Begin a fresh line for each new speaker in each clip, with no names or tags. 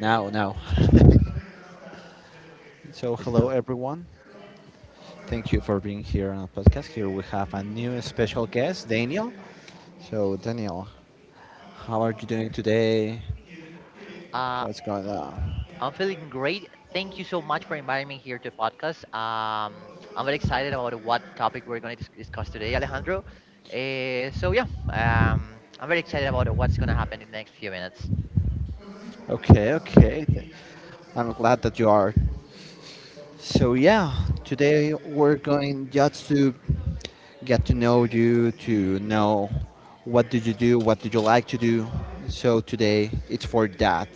Now, now. Hello
Listo.
everyone. Thank you for being here on the podcast. Here we have a new special guest, Daniel. So, Daniel, how are you doing today?
Uh,
What's going on?
I'm feeling great. Thank you so much for inviting me here to the podcast. I'm very excited about what topic we're going to discuss today, Alejandro. I'm very excited about what's going to happen in the next few minutes.
Okay, okay. I'm glad that you are. So, yeah, today we're going just to get to know you, to know what do you do, what do you like to do. So, today it's for that.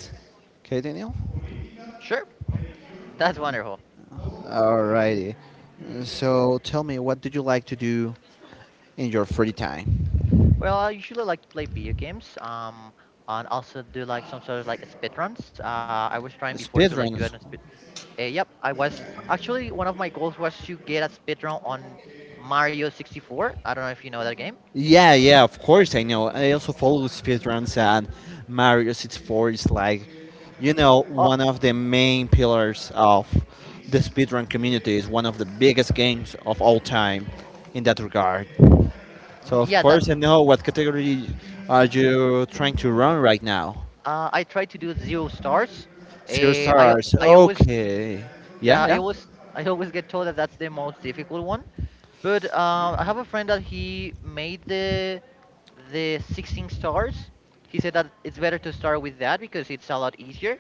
Okay, Daniel?
Sure, that's wonderful.
Alrighty. So tell me, what did you like to do in your free time?
Well, I usually like to play video games. And also do like some sort of like speed runs. I was trying before to like do it
Speedruns.
Uh, Yep, I was actually one of my goals was to get a speedrun on Mario 64. I don't know if you know that game.
Yeah, yeah, of course I know. I also follow speedruns, and Mario 64 is,
Oh,
one of the main pillars of the speedrun community. Is one of the biggest games of all time in that regard.
mhm,
So of
yeah,
course
that's.
I know what category are you trying to run right now.
I tried to do zero stars.
Zero
Uh, I
stars.
I always
Okay. Yeah,
I
yeah.
always I always get told that that's the most difficult one. But I have a friend that he made the 16 stars. He said that it's better to start with that because it's a lot easier.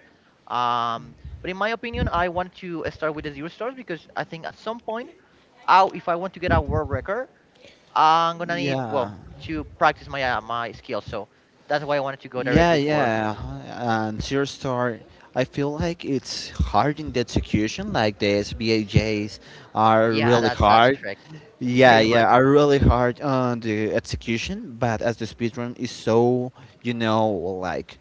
But in my opinion, I want to start with the zero stars because I think at some point out if I want to get a world record, I'm gonna need well
Yeah.
to practice my skills. So that's why I wanted to go
Yeah,
directly for.
yeah. And Zero Star, I feel like it's hard in the execution. Like the SBAJs are
Yeah,
really
that's
hard.
correct,
Yeah,
very
yeah,
much.
are really hard on the execution. But as the speedrun is so, you know, like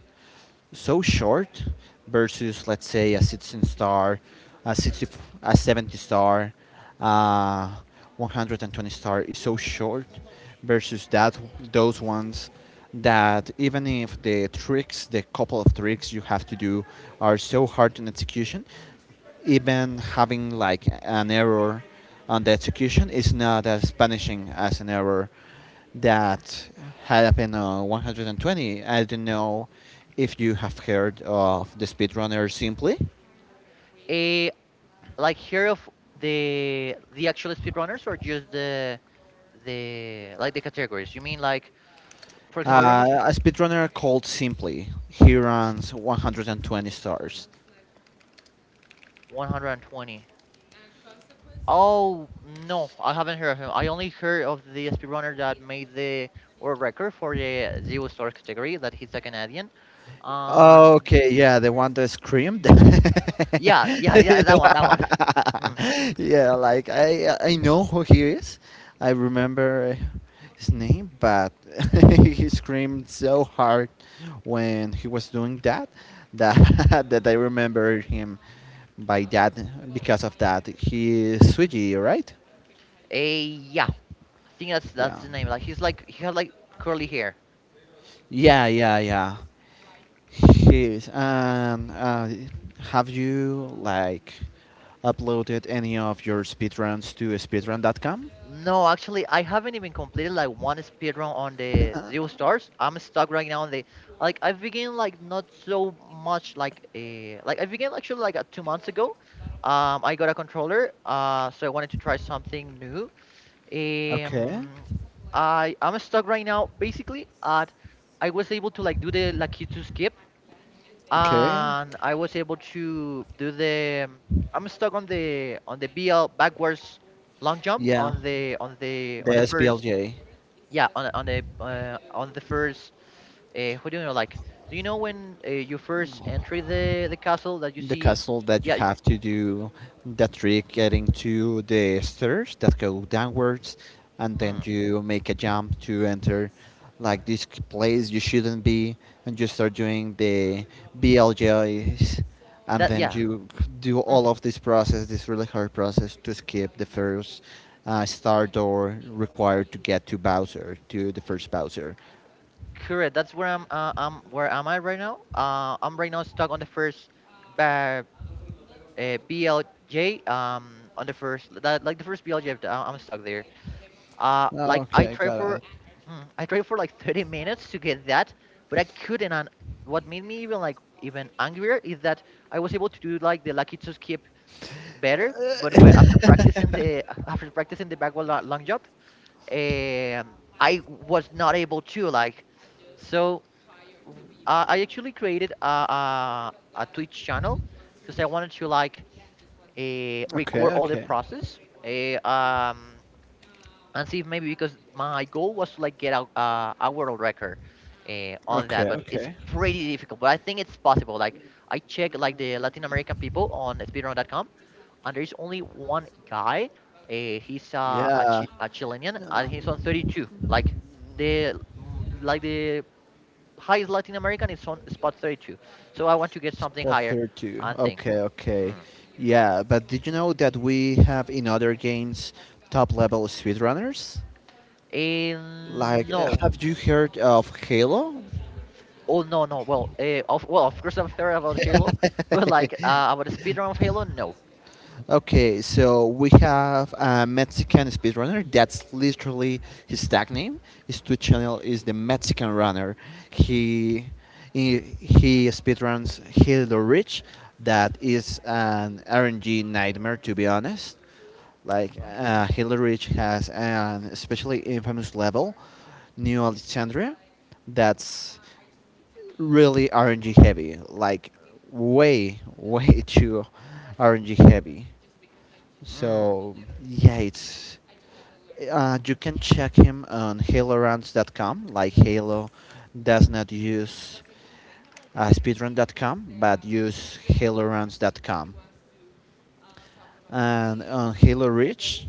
so short versus let's say a 16 star, a 60, a 70 star, uh, 120 star is so short versus that those ones that even if the tricks, the couple of tricks you have to do are so hard in execution, even having like an error on the execution is not as punishing as an error that happened on 120. I don't know if you have heard of the speedrunner Simply.
A like here of the actual speedrunners or just the like the categories. You mean like for example, I remember
A speedrunner called Simply. He runs 120 stars.
120. Oh no, I haven't heard of him. I only heard of the speedrunner that made the world record for the zero stars category. That he's a Canadian. Um,
Okay, yeah, the one that screamed.
Yeah, yeah, yeah, that one, that one. Huh.
Yeah, like I know who he is. I remember his name, but he screamed so hard when he was doing that that that I remember him by that because of that. He is Swiggy, right?
Eh, yeah, I think that's
Yeah.
that's the name. Like he's like he had like curly hair.
Yeah, yeah, yeah. Yes, and have you like uploaded any of your speedruns to speedrun.com?
No, actually, I haven't even completed like one speed run on the
Uh,
zero stars. I'm stuck right now on the like I began like not so much like like I began actually like 2 months ago. I got a controller. So I wanted to try something new.
okay,
Um, I'm stuck right now basically at I was able to like do the Lakitu skip
okay,
and I was able to do the I'm stuck on the BL backwards long jump
yeah,
on the on the
the
on the first
SBLJ.
yeah on the first who do you know like do you know when you first enter the castle that you
The
see
castle that you
yeah y-
have to do the trick, getting to the stairs that go downwards, and then
mm,
you make a jump to enter like this place you shouldn't be, and you start doing the BLJs, and
that
then
yeah
you do all
mhm,
of this process, this really hard process, to skip the first star door required to get to Bowser, to the first Bowser.
correct that's where I'm, where am I right now I'm right now stuck on the first ba- BLJ on the first that like the first BLJ am I'm I'm stuck there
Oh,
like I
okay,
tried
got
for, I tried for like 30 minutes to get that, but I couldn't. And what made me even like even angrier is that I was able to do like the lucky to skip better, but after practicing
it.
the after practicing the backward long jump, I was not able to like. So I actually created a Twitch channel because I wanted to like
okay
record all the
okay
process. And see if maybe because my goal was to like get out a world record on that,
okay
but it's
okay
pretty difficult, but I think it's possible. Like I checked like the Latin American people on speedrun.com and there's only one guy, uh, he's uh, a,
Yeah,
Chi a Chilean and
no,
he's on 32. Like the highest Latin American is on spot 32, so I want to get something
spot
higher
32.
and think
Okay,
mm.
okay. Yeah, but did you know that we have in other games top level speedrunners?
Eh,
Like,
no
have you heard of Halo?
Oh no no well of well Of course I've heard about Halo, but like about the speedrun of Halo, no.
Okay, so we have a Mexican speedrunner. That's literally his tag name. His Twitch channel is the Mexican Runner. He he speedruns Hill the Rich. That is an RNG nightmare, to be honest. Like
Mhm.
Hill the Rich has an especially infamous level, New Alexandria. That's really RNG heavy. Like way way too RNG heavy.
Mm.
So yeah, it's you can check him on haloruns.com. Like Halo does not use speedrun.com, but use haloruns.com. And on Halo Reach,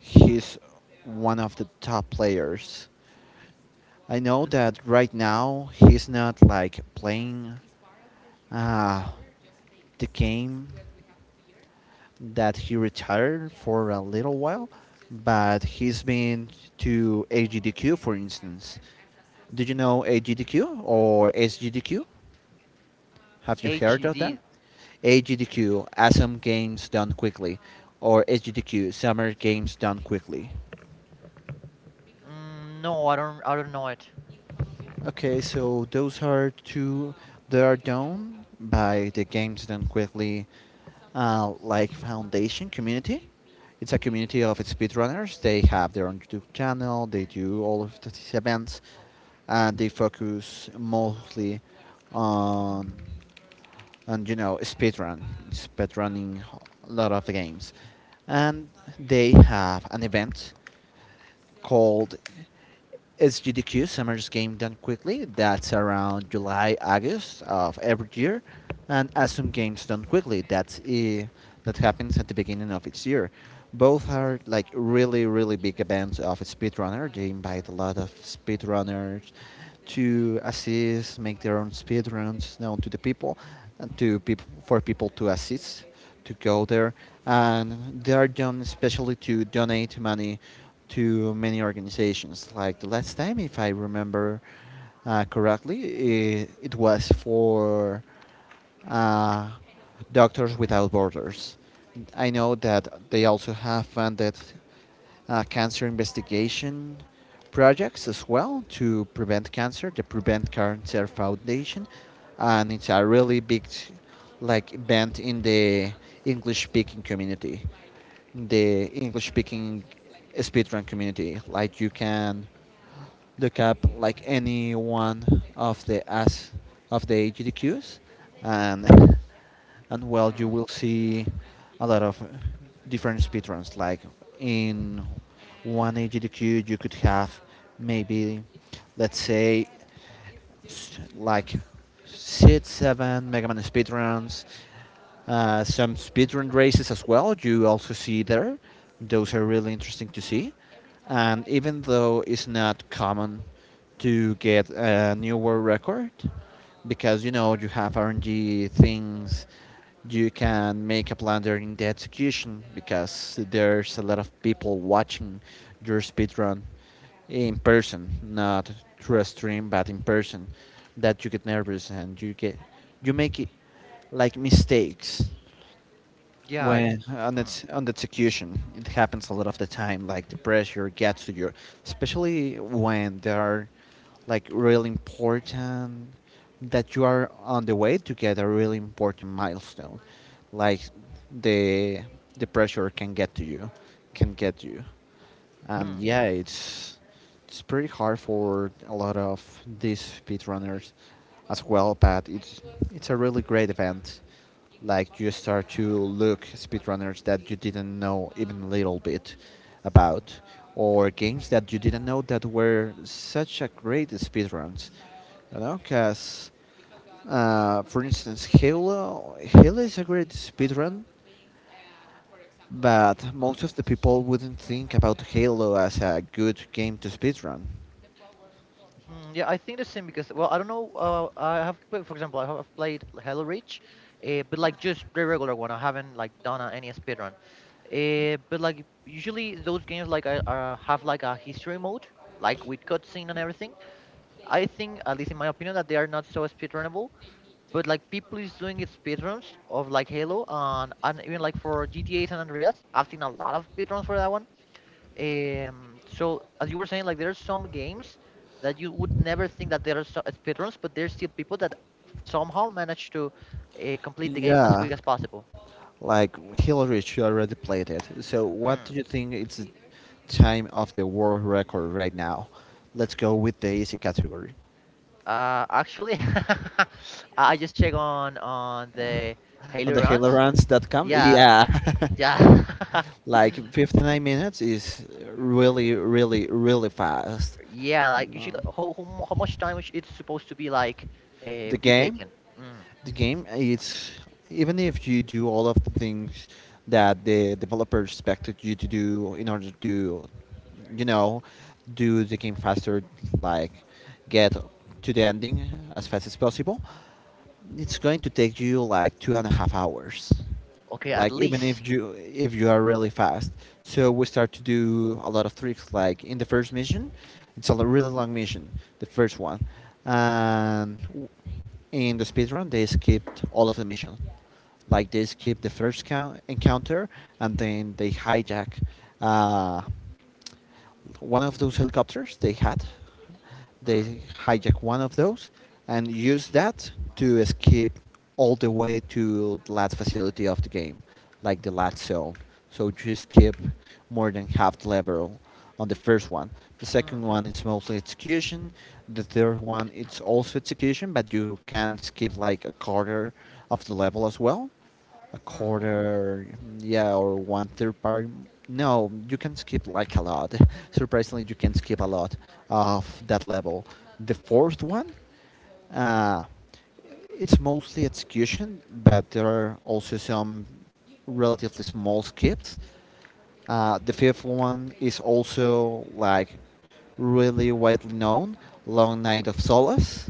he's one of the top players. I know that right now he's not like playing uh, the game, that he retired for a little while, but he's been to AGDQ, for instance. Did you know AGDQ or SGDQ? Have you heard of that?
HD,
AGDQ, Awesome Games Done Quickly, or SGDQ, Summer Games Done Quickly.
mm, no I don't I don't know it.
Okay, so those are two that are done by the Games Done Quickly like Foundation Community. It's a community of speedrunners. They have their own YouTube channel. They do all of these events, and they focus mostly on on you know speedrun, speedrunning a lot of the games, and they have an event called SGDQ, Summer's Game Done Quickly. That's around July, August of every year, and Assume Games Done Quickly. That's that happens at the beginning of each year. Both are like really, really big events of speedrunner. They invite a lot of speedrunners to assist, make their own speedruns known to the people, and for people to assist, to go there, and they are done especially to donate money to many organizations. Like the last time, if I remember correctly, it was for uh, Doctors Without Borders. I know that they also have funded cancer investigation projects as well, to prevent cancer, the Prevent Cancer Foundation, and it's a really big like event in the English speaking community, the English speaking speedrun community. Like you can the cap like any one of the as of the GDQs, and and well, you
Mm.
will see a lot of different speedruns. Like in one AGDQ, you could have maybe, let's say like six, seven Mega Man speedruns, some speedrun races as well. You also see there. Those are really interesting to see. And even though it's not common to get a new world record, because you know you have RNG things, you can make a blunder in the execution because there's a lot of people watching your speedrun in person, not through a stream, but in person, that you get nervous and you get you make it like mistakes
Yeah.
when on
Mm.
its on the execution. It happens a lot of the time. Like the pressure gets to your, especially when there are like really important that you are on the way to get a really important milestone. Like the the pressure can get to you, can get you. And
Mm.
yeah, it's pretty hard for a lot of these speedrunners as well, but it's a really great event. Like you start to look speedrunners that you didn't know even a little bit about, or games that you didn't know that were such a great speedruns. You know, because for instance, Halo is a great speedrun, but
Mhm.
most of the people wouldn't think about Halo as a good game to speedrun.
Mm, yeah, I think the same because well, I don't know. I have played, for example, I've played Halo Reach, but like just the regular one. I haven't like done any speedrun. But like usually those games like I have like a history mode, like with cutscene and everything. I think, at least in my opinion, that they are not so speedrunnable. But like people is doing it speedruns of like Halo and even like for GTA San Andreas, I've seen a lot of speedruns for that one. So as you were saying, like there are some games that you would never think that there are speedruns, but there's still people that somehow manage to complete the game as
Yeah,
quick as possible.
like Hillary, she already played it. So, what
Mm.
do you think it's the time of the world record right now? Let's go with the easy category.
Actually, I just check on the
On
Halo
the
runs.
HaloRuns.com?
Yeah,
Yeah.
yeah.
Like 59 minutes is really, really, really fast.
Yeah, like usually,
No.
how much time is- it's supposed to be like
the
be
game
taken? Mm.
the game it's, even if you do all of the things that the developer expected you to do in order to you know do the game faster, like get to the ending as fast as possible, it's going to take you like 2.5 hours,
Okay, at
like even
least.
if you are really fast. So
Mm,
we start to do a lot of tricks. Like in the first mission, it's a really long mission, the first one, and w- in the speed run they skipped all of the mission, like they skip the first encounter, and then they hijack uh, one of those helicopters they had.
mm,
They hijacked one of those and used that to escape all the way to the last facility of the game, like the last zone. So you skip more than half the level on the first one. The
mm,
second one is mostly execution. The third one it's also execution, but you can skip like a quarter of the level as well, a
mm,
quarter, yeah, or one third part. No, you can skip like a lot. Surprisingly, you can skip a lot of that level. The fourth one, uh, it's mostly execution, but there are also some relatively small skips. The fifth one is also like really widely known, Long Night of Solace,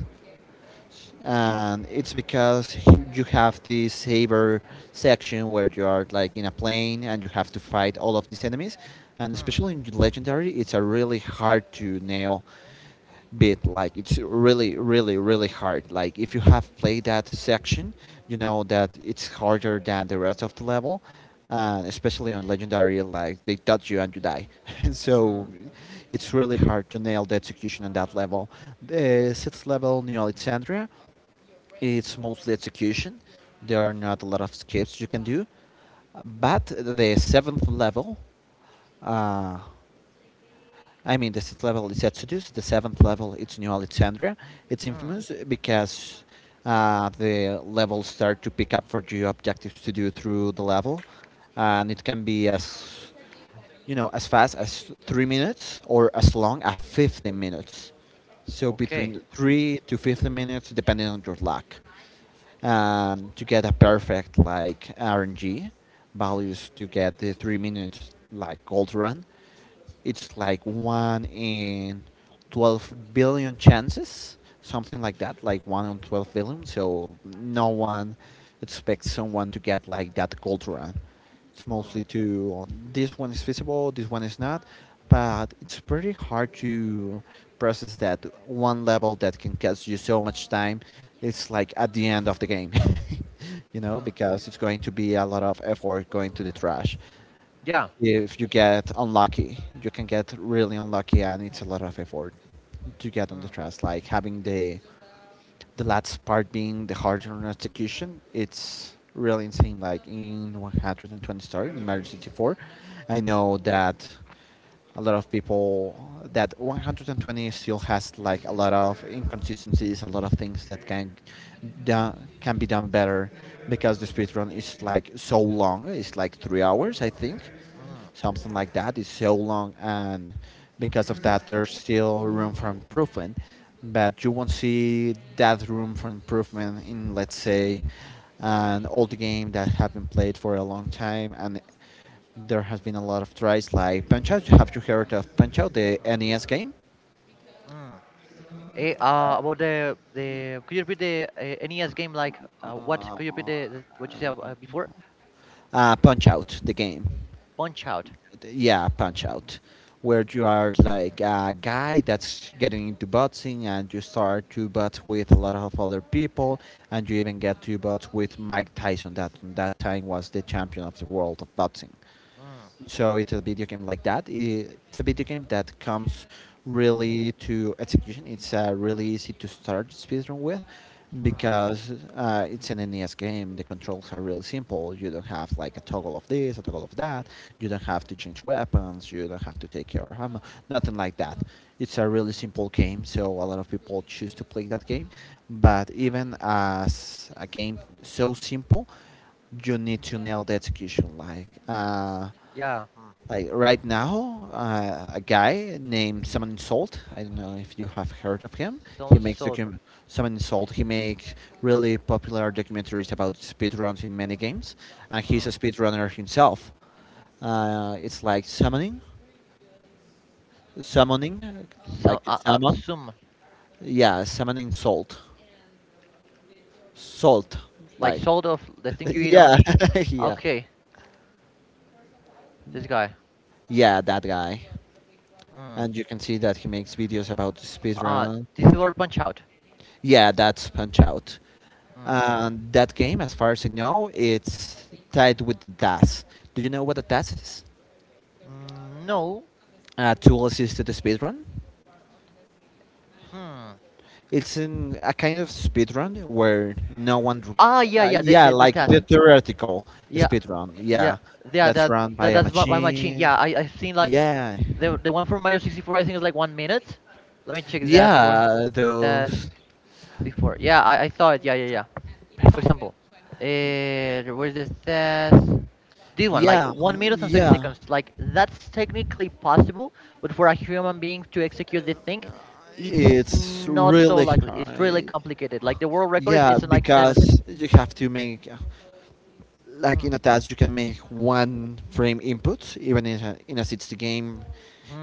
and it's because you have this saber section where you are like in a plane and you have to fight all of these enemies, and
mm,
especially in legendary it's a really hard to nail bit, like it's really really really hard. Like if you have played that section you know that it's harder than the rest of the level, and especially on legendary, like they touch you and you die.
mm,
So it's really hard to nail the execution on that level, the sixth level, new alexandria. It's mostly execution. There are not a lot of skips you can do. But the seventh level, uh, I mean, the sixth level is Exodus. The seventh level, it's New Alexandria. It's
mm.
infamous because the levels start to pick up for you objectives to do through the level, and it can be as you know as fast as 3 minutes or as long as 15 minutes. So
Okay.
between three to 15 minutes, depending on your luck. Um, to get a perfect like RNG values to get the 3 minutes like gold run, it's like one in 12 billion chances, something like that, like one in 12 billion. So no one expects someone to get like that gold run. It's
Mm,
mostly to this one is feasible, this one is not, but it's pretty hard to process that one level that can cost you so much time. It's like at the end of the game,
mm.
because it's going to be a lot of effort going to the trash
Yeah.
if you get unlucky. You can get really unlucky, and it's a lot of effort to get on the
Mm,
trust. Like having the last part being the harder execution, it's really insane. Like in 120 star in Mario 64, I know that a lot of people that 120 still has like a lot of inconsistencies, a lot of things that can da- can be done better because the speed run is like so long. It's like 3 hours, I think
mm,
something like that is so long, and because of that there's still room for improvement, but you won't see that room for improvement in, let's say, an old game that have been played for a long time and there has been a lot of tries, like Punch Out. Have you heard of Punch Out, the NES game?
mm. About the could you repeat the NES game like what
Uh,
could you repeat the what you said before?
Punch Out, the game.
Punch Out.
Yeah, Punch Out, where you are like a guy that's getting into boxing and you start to box with a lot of other people, and you even get to box with Mike Tyson, that that time was the champion of the world of boxing.
Mm,
So it's a video game like that. It's a video game that comes really to execution. It's really easy to start speedrun with
mm.
because it's an NES game. The controls are really simple. You don't have like a toggle of this, a toggle of that. You don't have to change weapons. You don't have to take your ammo. Nothing like that. It's a really simple game, so a lot of people choose to play that game. But even as a game so simple, you need to nail the execution.
Yeah. Mm.
Like right now, a guy named Simon Salt. I don't know if you have heard of him. He
Sounds
makes
so.
docu- Simon Salt. He makes really popular documentaries about speedruns in many games, and he's a
Mm.
speedrunner himself. It's like summoning, uh, like to summon.
Some
Yeah, salt.
like
Like,
sort of the thing you eat on.
yeah, yeah,
Okay, this guy.
yeah. That guy,
Mm.
and you can see that he makes videos about
Uh,
speedrun.
this is our punch out.
Yeah, that's Punch Out.
Mm.
And that game, as far as I know, it's tied with the TAS. Do you know what a TAS is?
Mm, no.
A tool assisted speedrun.
Hmm.
It's in a kind of speedrun where no one.
Ah, yeah, yeah.
Yeah,
The
like the
task.
theoretical
Yeah,
speedrun.
yeah,
Yeah,
yeah.
that's
That,
run by a
my machine.
machine.
Yeah, I've seen like
Yeah.
the one from Mario 64. I think is like 1 minute. Let me check that for
Yeah,
that's
those.
64. Yeah, I saw it. Yeah, yeah, yeah. For example, where's the says this one, like
Yeah,
1 minute and thirty
yeah.
seconds. Like that's technically possible, but for a human being to execute this thing, it's
It's
not so
really
likely. It's really
hard.
complicated. Like the world record
Yeah,
is in like 7 minutes.
because you have to make, like
Hmm.
in a task you can make one frame input even in a 60 game,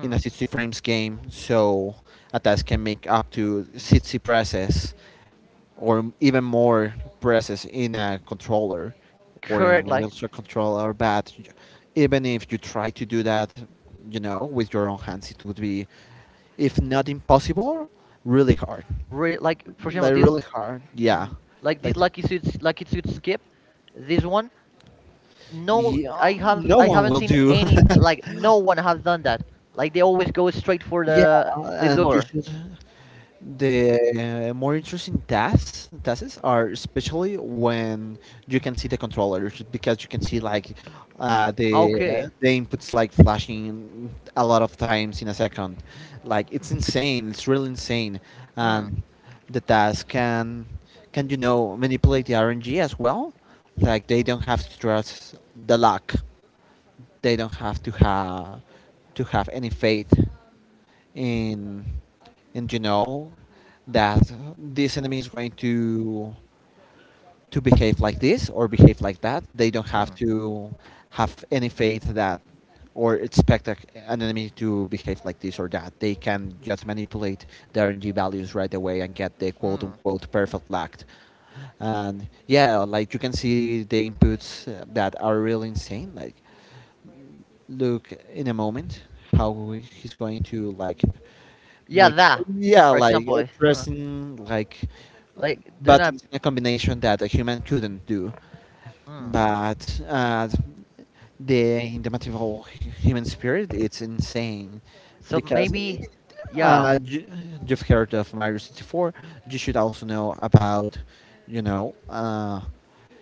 in a 60 frames game, so a task can make up to 60 presses or even more presses in a controller or in
Correct.
an virtual controller, but even if you try to do that, you know, with your own hands it would be, if not impossible, really hard.
Like for example,
Like
this,
really hard, yeah.
hmm, like this
Like
lucky suit skip, this one. No I
yeah, no one
haven't
will
seen
do.
any like no one has done that like they always go straight for
Yeah,
the
and you
door.
should. The more interesting tasks are especially when you can see the controllers because you can see like uh, the
Okay.
the inputs like flashing a lot of times in a second. Like it's insane. It's really insane,
Mm,
and the task can, you know, manipulate the RNG as well. Like they don't have to trust the luck, they don't have to have to have any faith in in, you know, that this enemy is going to behave like this or behave like that. They don't
mm,
have to have any faith that, or expect an enemy to behave like this or that. They can just manipulate the RNG values right away and get the quote
mm.
unquote perfect lacked. And yeah, like you can see the inputs that are really insane. Like look in a moment how he's going to like
Yeah
make.
that
Yeah,
for
like
example huh.
pressing like uh,
Like do not
buttons in a combination that a human couldn't do.
mm.
But the in the material human spirit, it's insane,
So
because
maybe yeah
uh, you, you've heard of Mario 64, you should also know about, you know,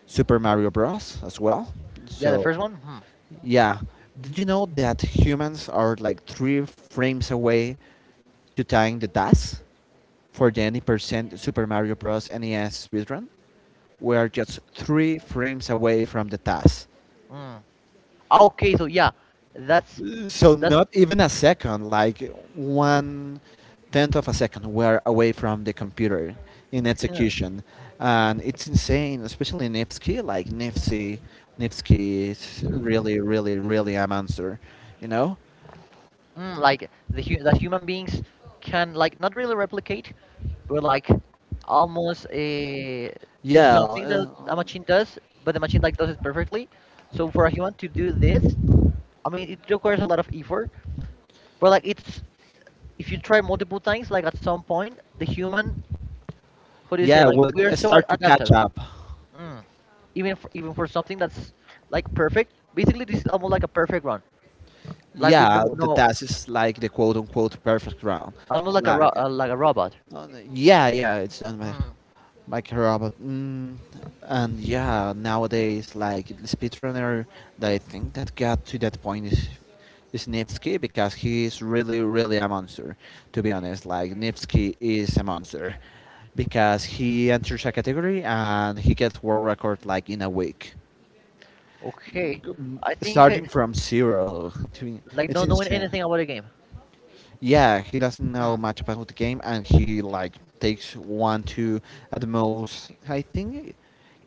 Super Mario Bros as well,
yeah the
so
first one hmm,
yeah. Did you know that humans are like three frames away to tying the task for the 90% Super Mario Bros. NES speedrun? We are just three frames away from the task.
mm. Okay so yeah that's
So
that's
not even a second, like one tenth of a second, we are away from the computer in
huh,
execution, and it's insane, especially Nevsky. Like Nevsky, Nevsky is really, really, really a monster, you know.
mm, like that human beings can like not really replicate but like almost do
Yeah,
something that a machine does, but the machine like does it perfectly. So for a human to do this, I mean, it requires a lot of effort. But like it's if you try multiple times, like at some point, the human, how do you say,
yeah,
like
we'll
we are so
start to catch
adaptive.
up.
Mm. Even for something that's like perfect, basically this is almost like a perfect run, like with
Yeah, the
no
task is like the quote unquote perfect round.
almost like a
Like,
like a robot.
yeah, yeah, it's done by
Mm.
like a robot. Mm, and yeah, nowadays, like the speedrunner that I think that got to that point is Nipsky because he is really, really a monster. To be honest, like Nipsky is a monster because he enters a category and he gets world record like in a week.
Okay,
g-
I think he,
Starting from zero to,
like
it's
not knowing
insane.
anything about the game.
Yeah, he doesn't know
Mm.
much about the game, and he like takes one to, at the most, I think,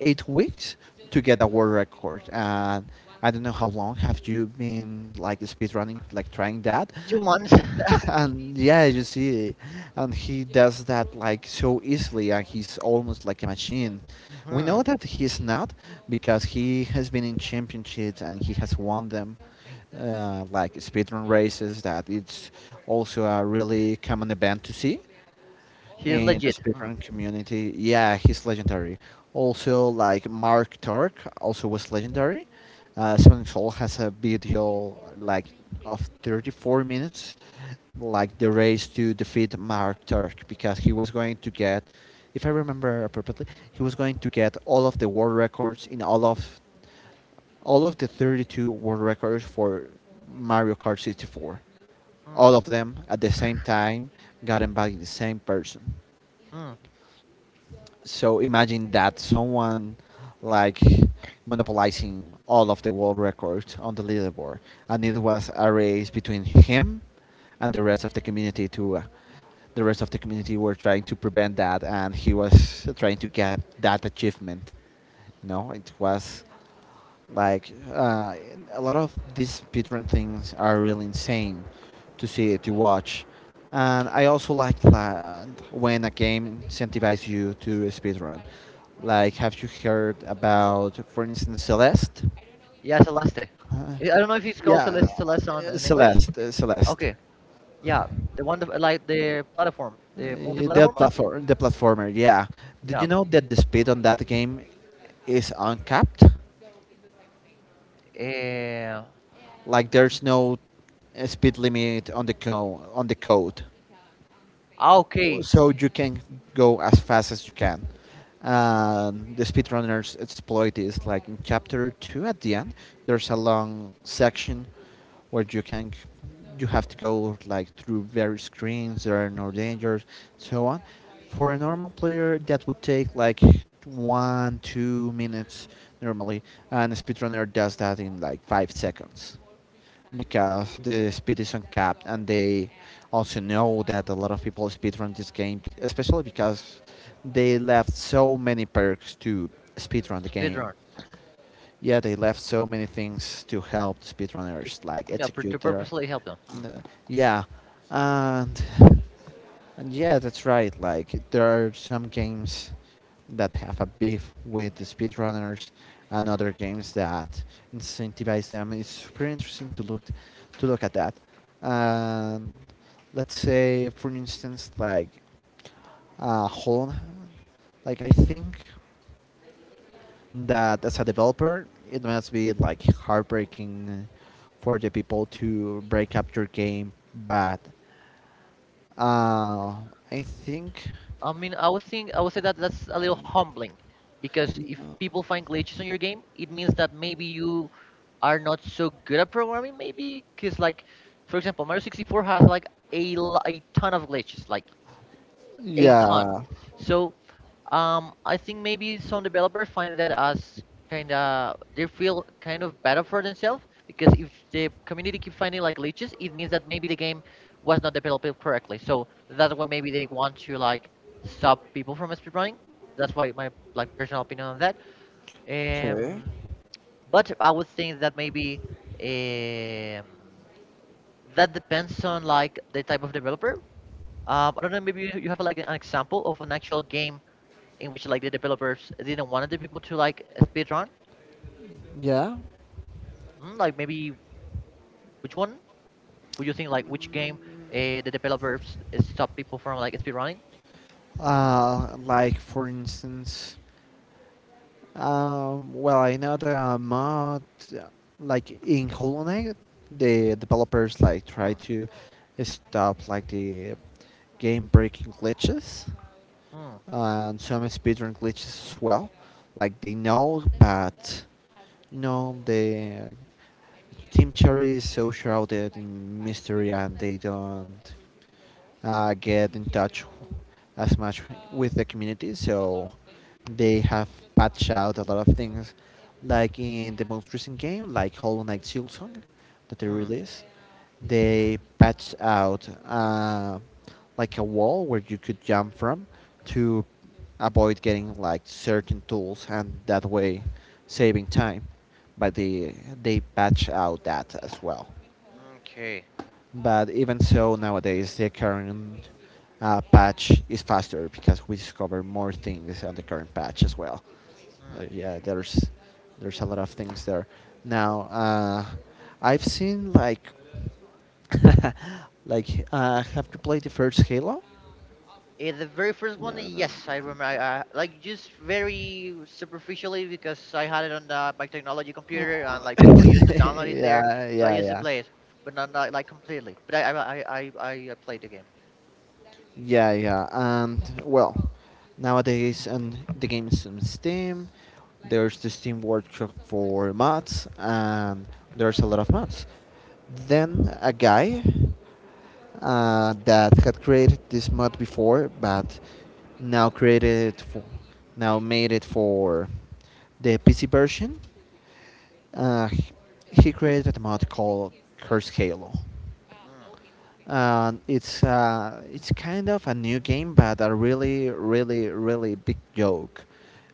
8 weeks to get a world record. And I don't know how long have you been like speedrunning, like trying that.
Two months.
And yeah, you see, and he does that like so easily, and he's almost like a machine. We know
Hmm.
that he's not because he has been in championships and he has won them, like speedrun races, that it's also a really common event to see
He's
in the
legit. Hmm.
speedrun community. Yeah, he's legendary. Also, like Mark Tork also was legendary. Seven Soul has a video like of 34 minutes, like the race to defeat Mark Turk because he was going to get, if I remember appropriately, he was going to get all of the world records in all of the 32 world records for Mario Kart 64.
Hmm.
All of them at the same time gotten by the same person.
Hmm.
So imagine that someone like monopolizing all of the world records on the leaderboard, and it was a race between him and the rest of the community to. The rest of the community were trying to prevent that, and he was trying to get that achievement. You know, it was like a lot of these speedrun things are really insane to see, to watch, and I also like when a game incentivizes you to speedrun. Like, have you heard about, for instance, Celeste?
Yeah, Celeste. I don't know if it's called
Yeah,
Celeste, in English.
Celeste, Celeste.
Okay, yeah, the one that- like the platform, the multi-platform, I think.
The platformer. Yeah. Did
Yeah.
you know that the speed on that game is uncapped?
Uh,
Like, there's no speed limit on the on the code.
ah, okay,
So you can go as fast as you can. The speedrunners exploit this. Like in chapter two, at the end, there's a long section where you have to go like through various screens. There are no dangers, so on. For a normal player, that would take like 1, 2 minutes normally, and a speedrunner does that in like 5 seconds because the speed is uncapped and they also know that a lot of people speedrun this game, especially because they left so many perks to speedrun the game.
speedrun
Yeah, they left so many things to help the
to
speedrunners like
yeah to
execute their,
purposely help them. Hmm.
the- yeah, and and yeah, that's right. Like there are some games that have a beef with the speedrunners and other games that incentivize them. It's super interesting to look at that. And let's say, for instance, like Holland. Like I think that as a developer, it must be like heartbreaking for the people to break up your game. But uh, I think,
I mean, I would think I would say that that's a little humbling, because if people find glitches on your game, it means that maybe you are not so good at programming. Maybe because like, for example, Mario 64 has like a ton of glitches. Like a ton.
yeah.
So I think maybe some developers find that as kind of they feel kind of better for themselves, because if the community keeps finding like leeches, it means that maybe the game was not developed correctly. So that's why maybe they want to like stop people from speedrunning. That's why my like personal opinion on that.
Okay.
Um, but I would think that maybe um, that depends on like the type of developer. I don't know. Maybe you have like an example of an actual game in which like the developers didn't want the people to like speedrun?
Yeah.
Mm, like maybe which one? Would you think like which game the developers stop people from like speedrunning?
Like for instance, well, I know the mod, like in Hollow Knight, the developers like try
Hmm.
to stop like the game breaking glitches,
Hmm.
and some speedrun glitches as well. Like they know, but you know, the Team Cherry is so shrouded in mystery, and they don't get in touch as much with the community. So they have patched out a lot of things, like in the most recent game, like Hollow Knight Silksong that they
Hmm.
released, they patched out like a wall where you could jump from to avoid getting like certain tools and that way saving time, but they patch out that as well.
Okay.
But even so, nowadays the current patch is faster because we discover more things on the current patch as well.
Hmm.
Yeah, there's a lot of things there now. I've seen like, like, have you played the first Halo?
The very first
Yeah,
one,
no.
yes, I remember. Like just very superficially because I had it on my technology computer and like people used to download it there,
Yeah,
so I
yeah,
used to
yeah,
play it, but not like completely. But I played the game.
yeah, yeah. And well, nowadays, and the games on Steam, there's the Steam Workshop for mods, and there's a lot of mods. Then
Hmm.
a guy that had created this mod before, but now created it for, now made it for the PC version. Uh, he created a mod called Curse Halo. It's kind of a new game, but a really, really, really big joke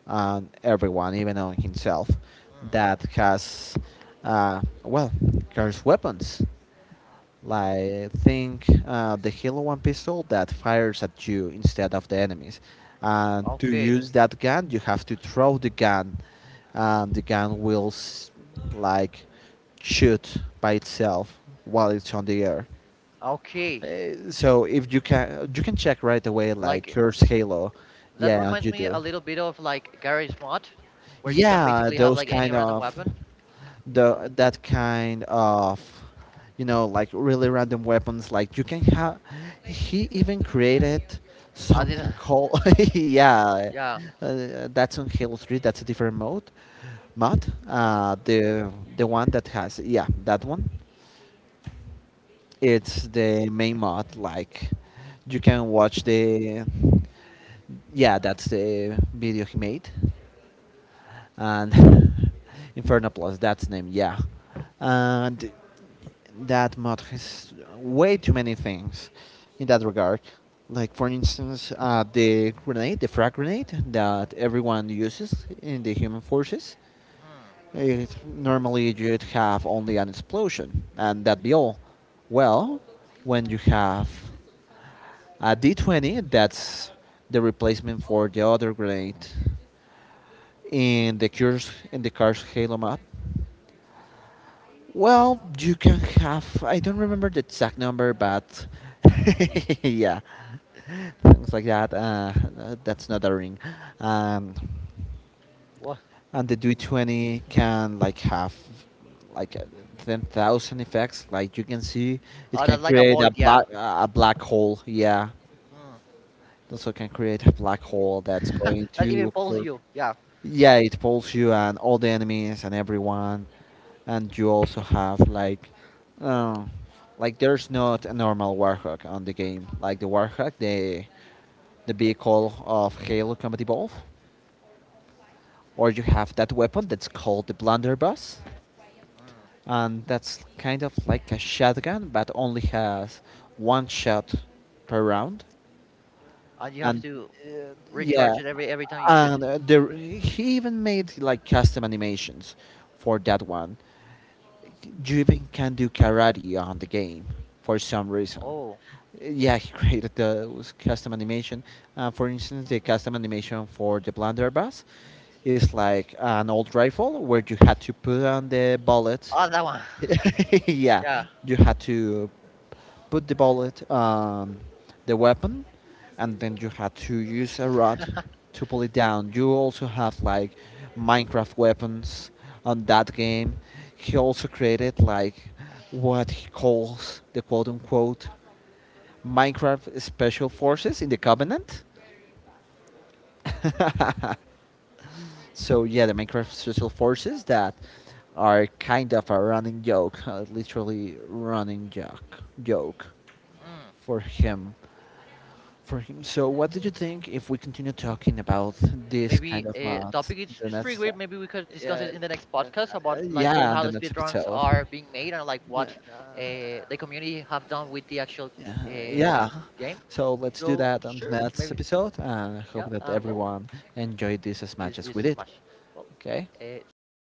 on everyone, even on himself,
Hmm. Hmm.
that has, uh, well, curse weapons.
Hmm.
Like think the Halo One pistol that fires at you instead of the enemies. And to
Okay.
use that gun, you have to throw the gun, and the gun will like shoot by itself while it's on the air.
Okay,
So if you can you can check right away like
like
curse halo.
that
Yeah,
reminds
you
me
do.
a little bit of like garage mod where you can
Yeah
basically have
those
like any
kind
random
of
weapon uh,
the that kind of You know, like really random weapons, like you can have, he even created
I did
something called yeah.
yeah
That's on halo 3. That's a different mod. The one that has, yeah, that one, it's the main mod. Like you can watch the, yeah, that's the video he made, and Inferno Plus. That's the name. Yeah, and that mod has way too many things in that regard. Like for instance, the grenade, the frag grenade that everyone uses in the human forces.
hmm.
It, normally, you'd have only an explosion, and that'd be all. Well, when you have a D20, that's the replacement for the other grenade in the car's Halo map. Well, you can have, I don't remember the exact number, but yeah, things like that. That's not a ring. Um,
What
and the D20 can like have like 10,000 effects. Like you can see, it
oh
can
that's like a Okay.
create a
Void yeah
black hole. Yeah,
hmm.
it also can create a black hole that's going
That even
to,
pulls
for,
you yeah
yeah, it pulls you and all the enemies and everyone. And you also have uh, like there's not a normal warhawk on the game, like the warhawk the vehicle of halo combat Evolved. Or you have that weapon that's called the blunderbuss,
hmm.
and that's kind of like a shotgun, but only has one shot per round.
And you have
And
to
uh, yeah,
recharge it every time you shoot
there he even made like custom animations for that one. You even can do karate on the game for some reason.
oh
Yeah, he created the custom animation. For instance, the custom animation for the blunderbuss is like an old rifle where you had to put on the bullets.
ah, that one
Yeah,
yeah
you had to put the bullet, the weapon, and then you had to use a rod to pull it down. You also have like Minecraft weapons on that game. He also created like what he calls the quote unquote Minecraft special forces in the Covenant. So yeah, the Minecraft social forces that are kind of a running joke, literally running joke,
Hmm.
for him. So what do you think if we continue talking about this kind
Maybe
of
a
mods,
topic
the
it's pretty great maybe we could
uh,
discuss
uh,
it in the next podcast about like
yeah,
how
the
the
next
speedruns
episode.
are being made and like
Uh,
what the community have done with the actual
yeah,
uh,
yeah.
game
So let's do
so
that on the
sure
next
maybe
episode, and I
yeah
hope that
well
everyone enjoyed this as
this
much as we
this
did.
much well
Okay.
see you in the next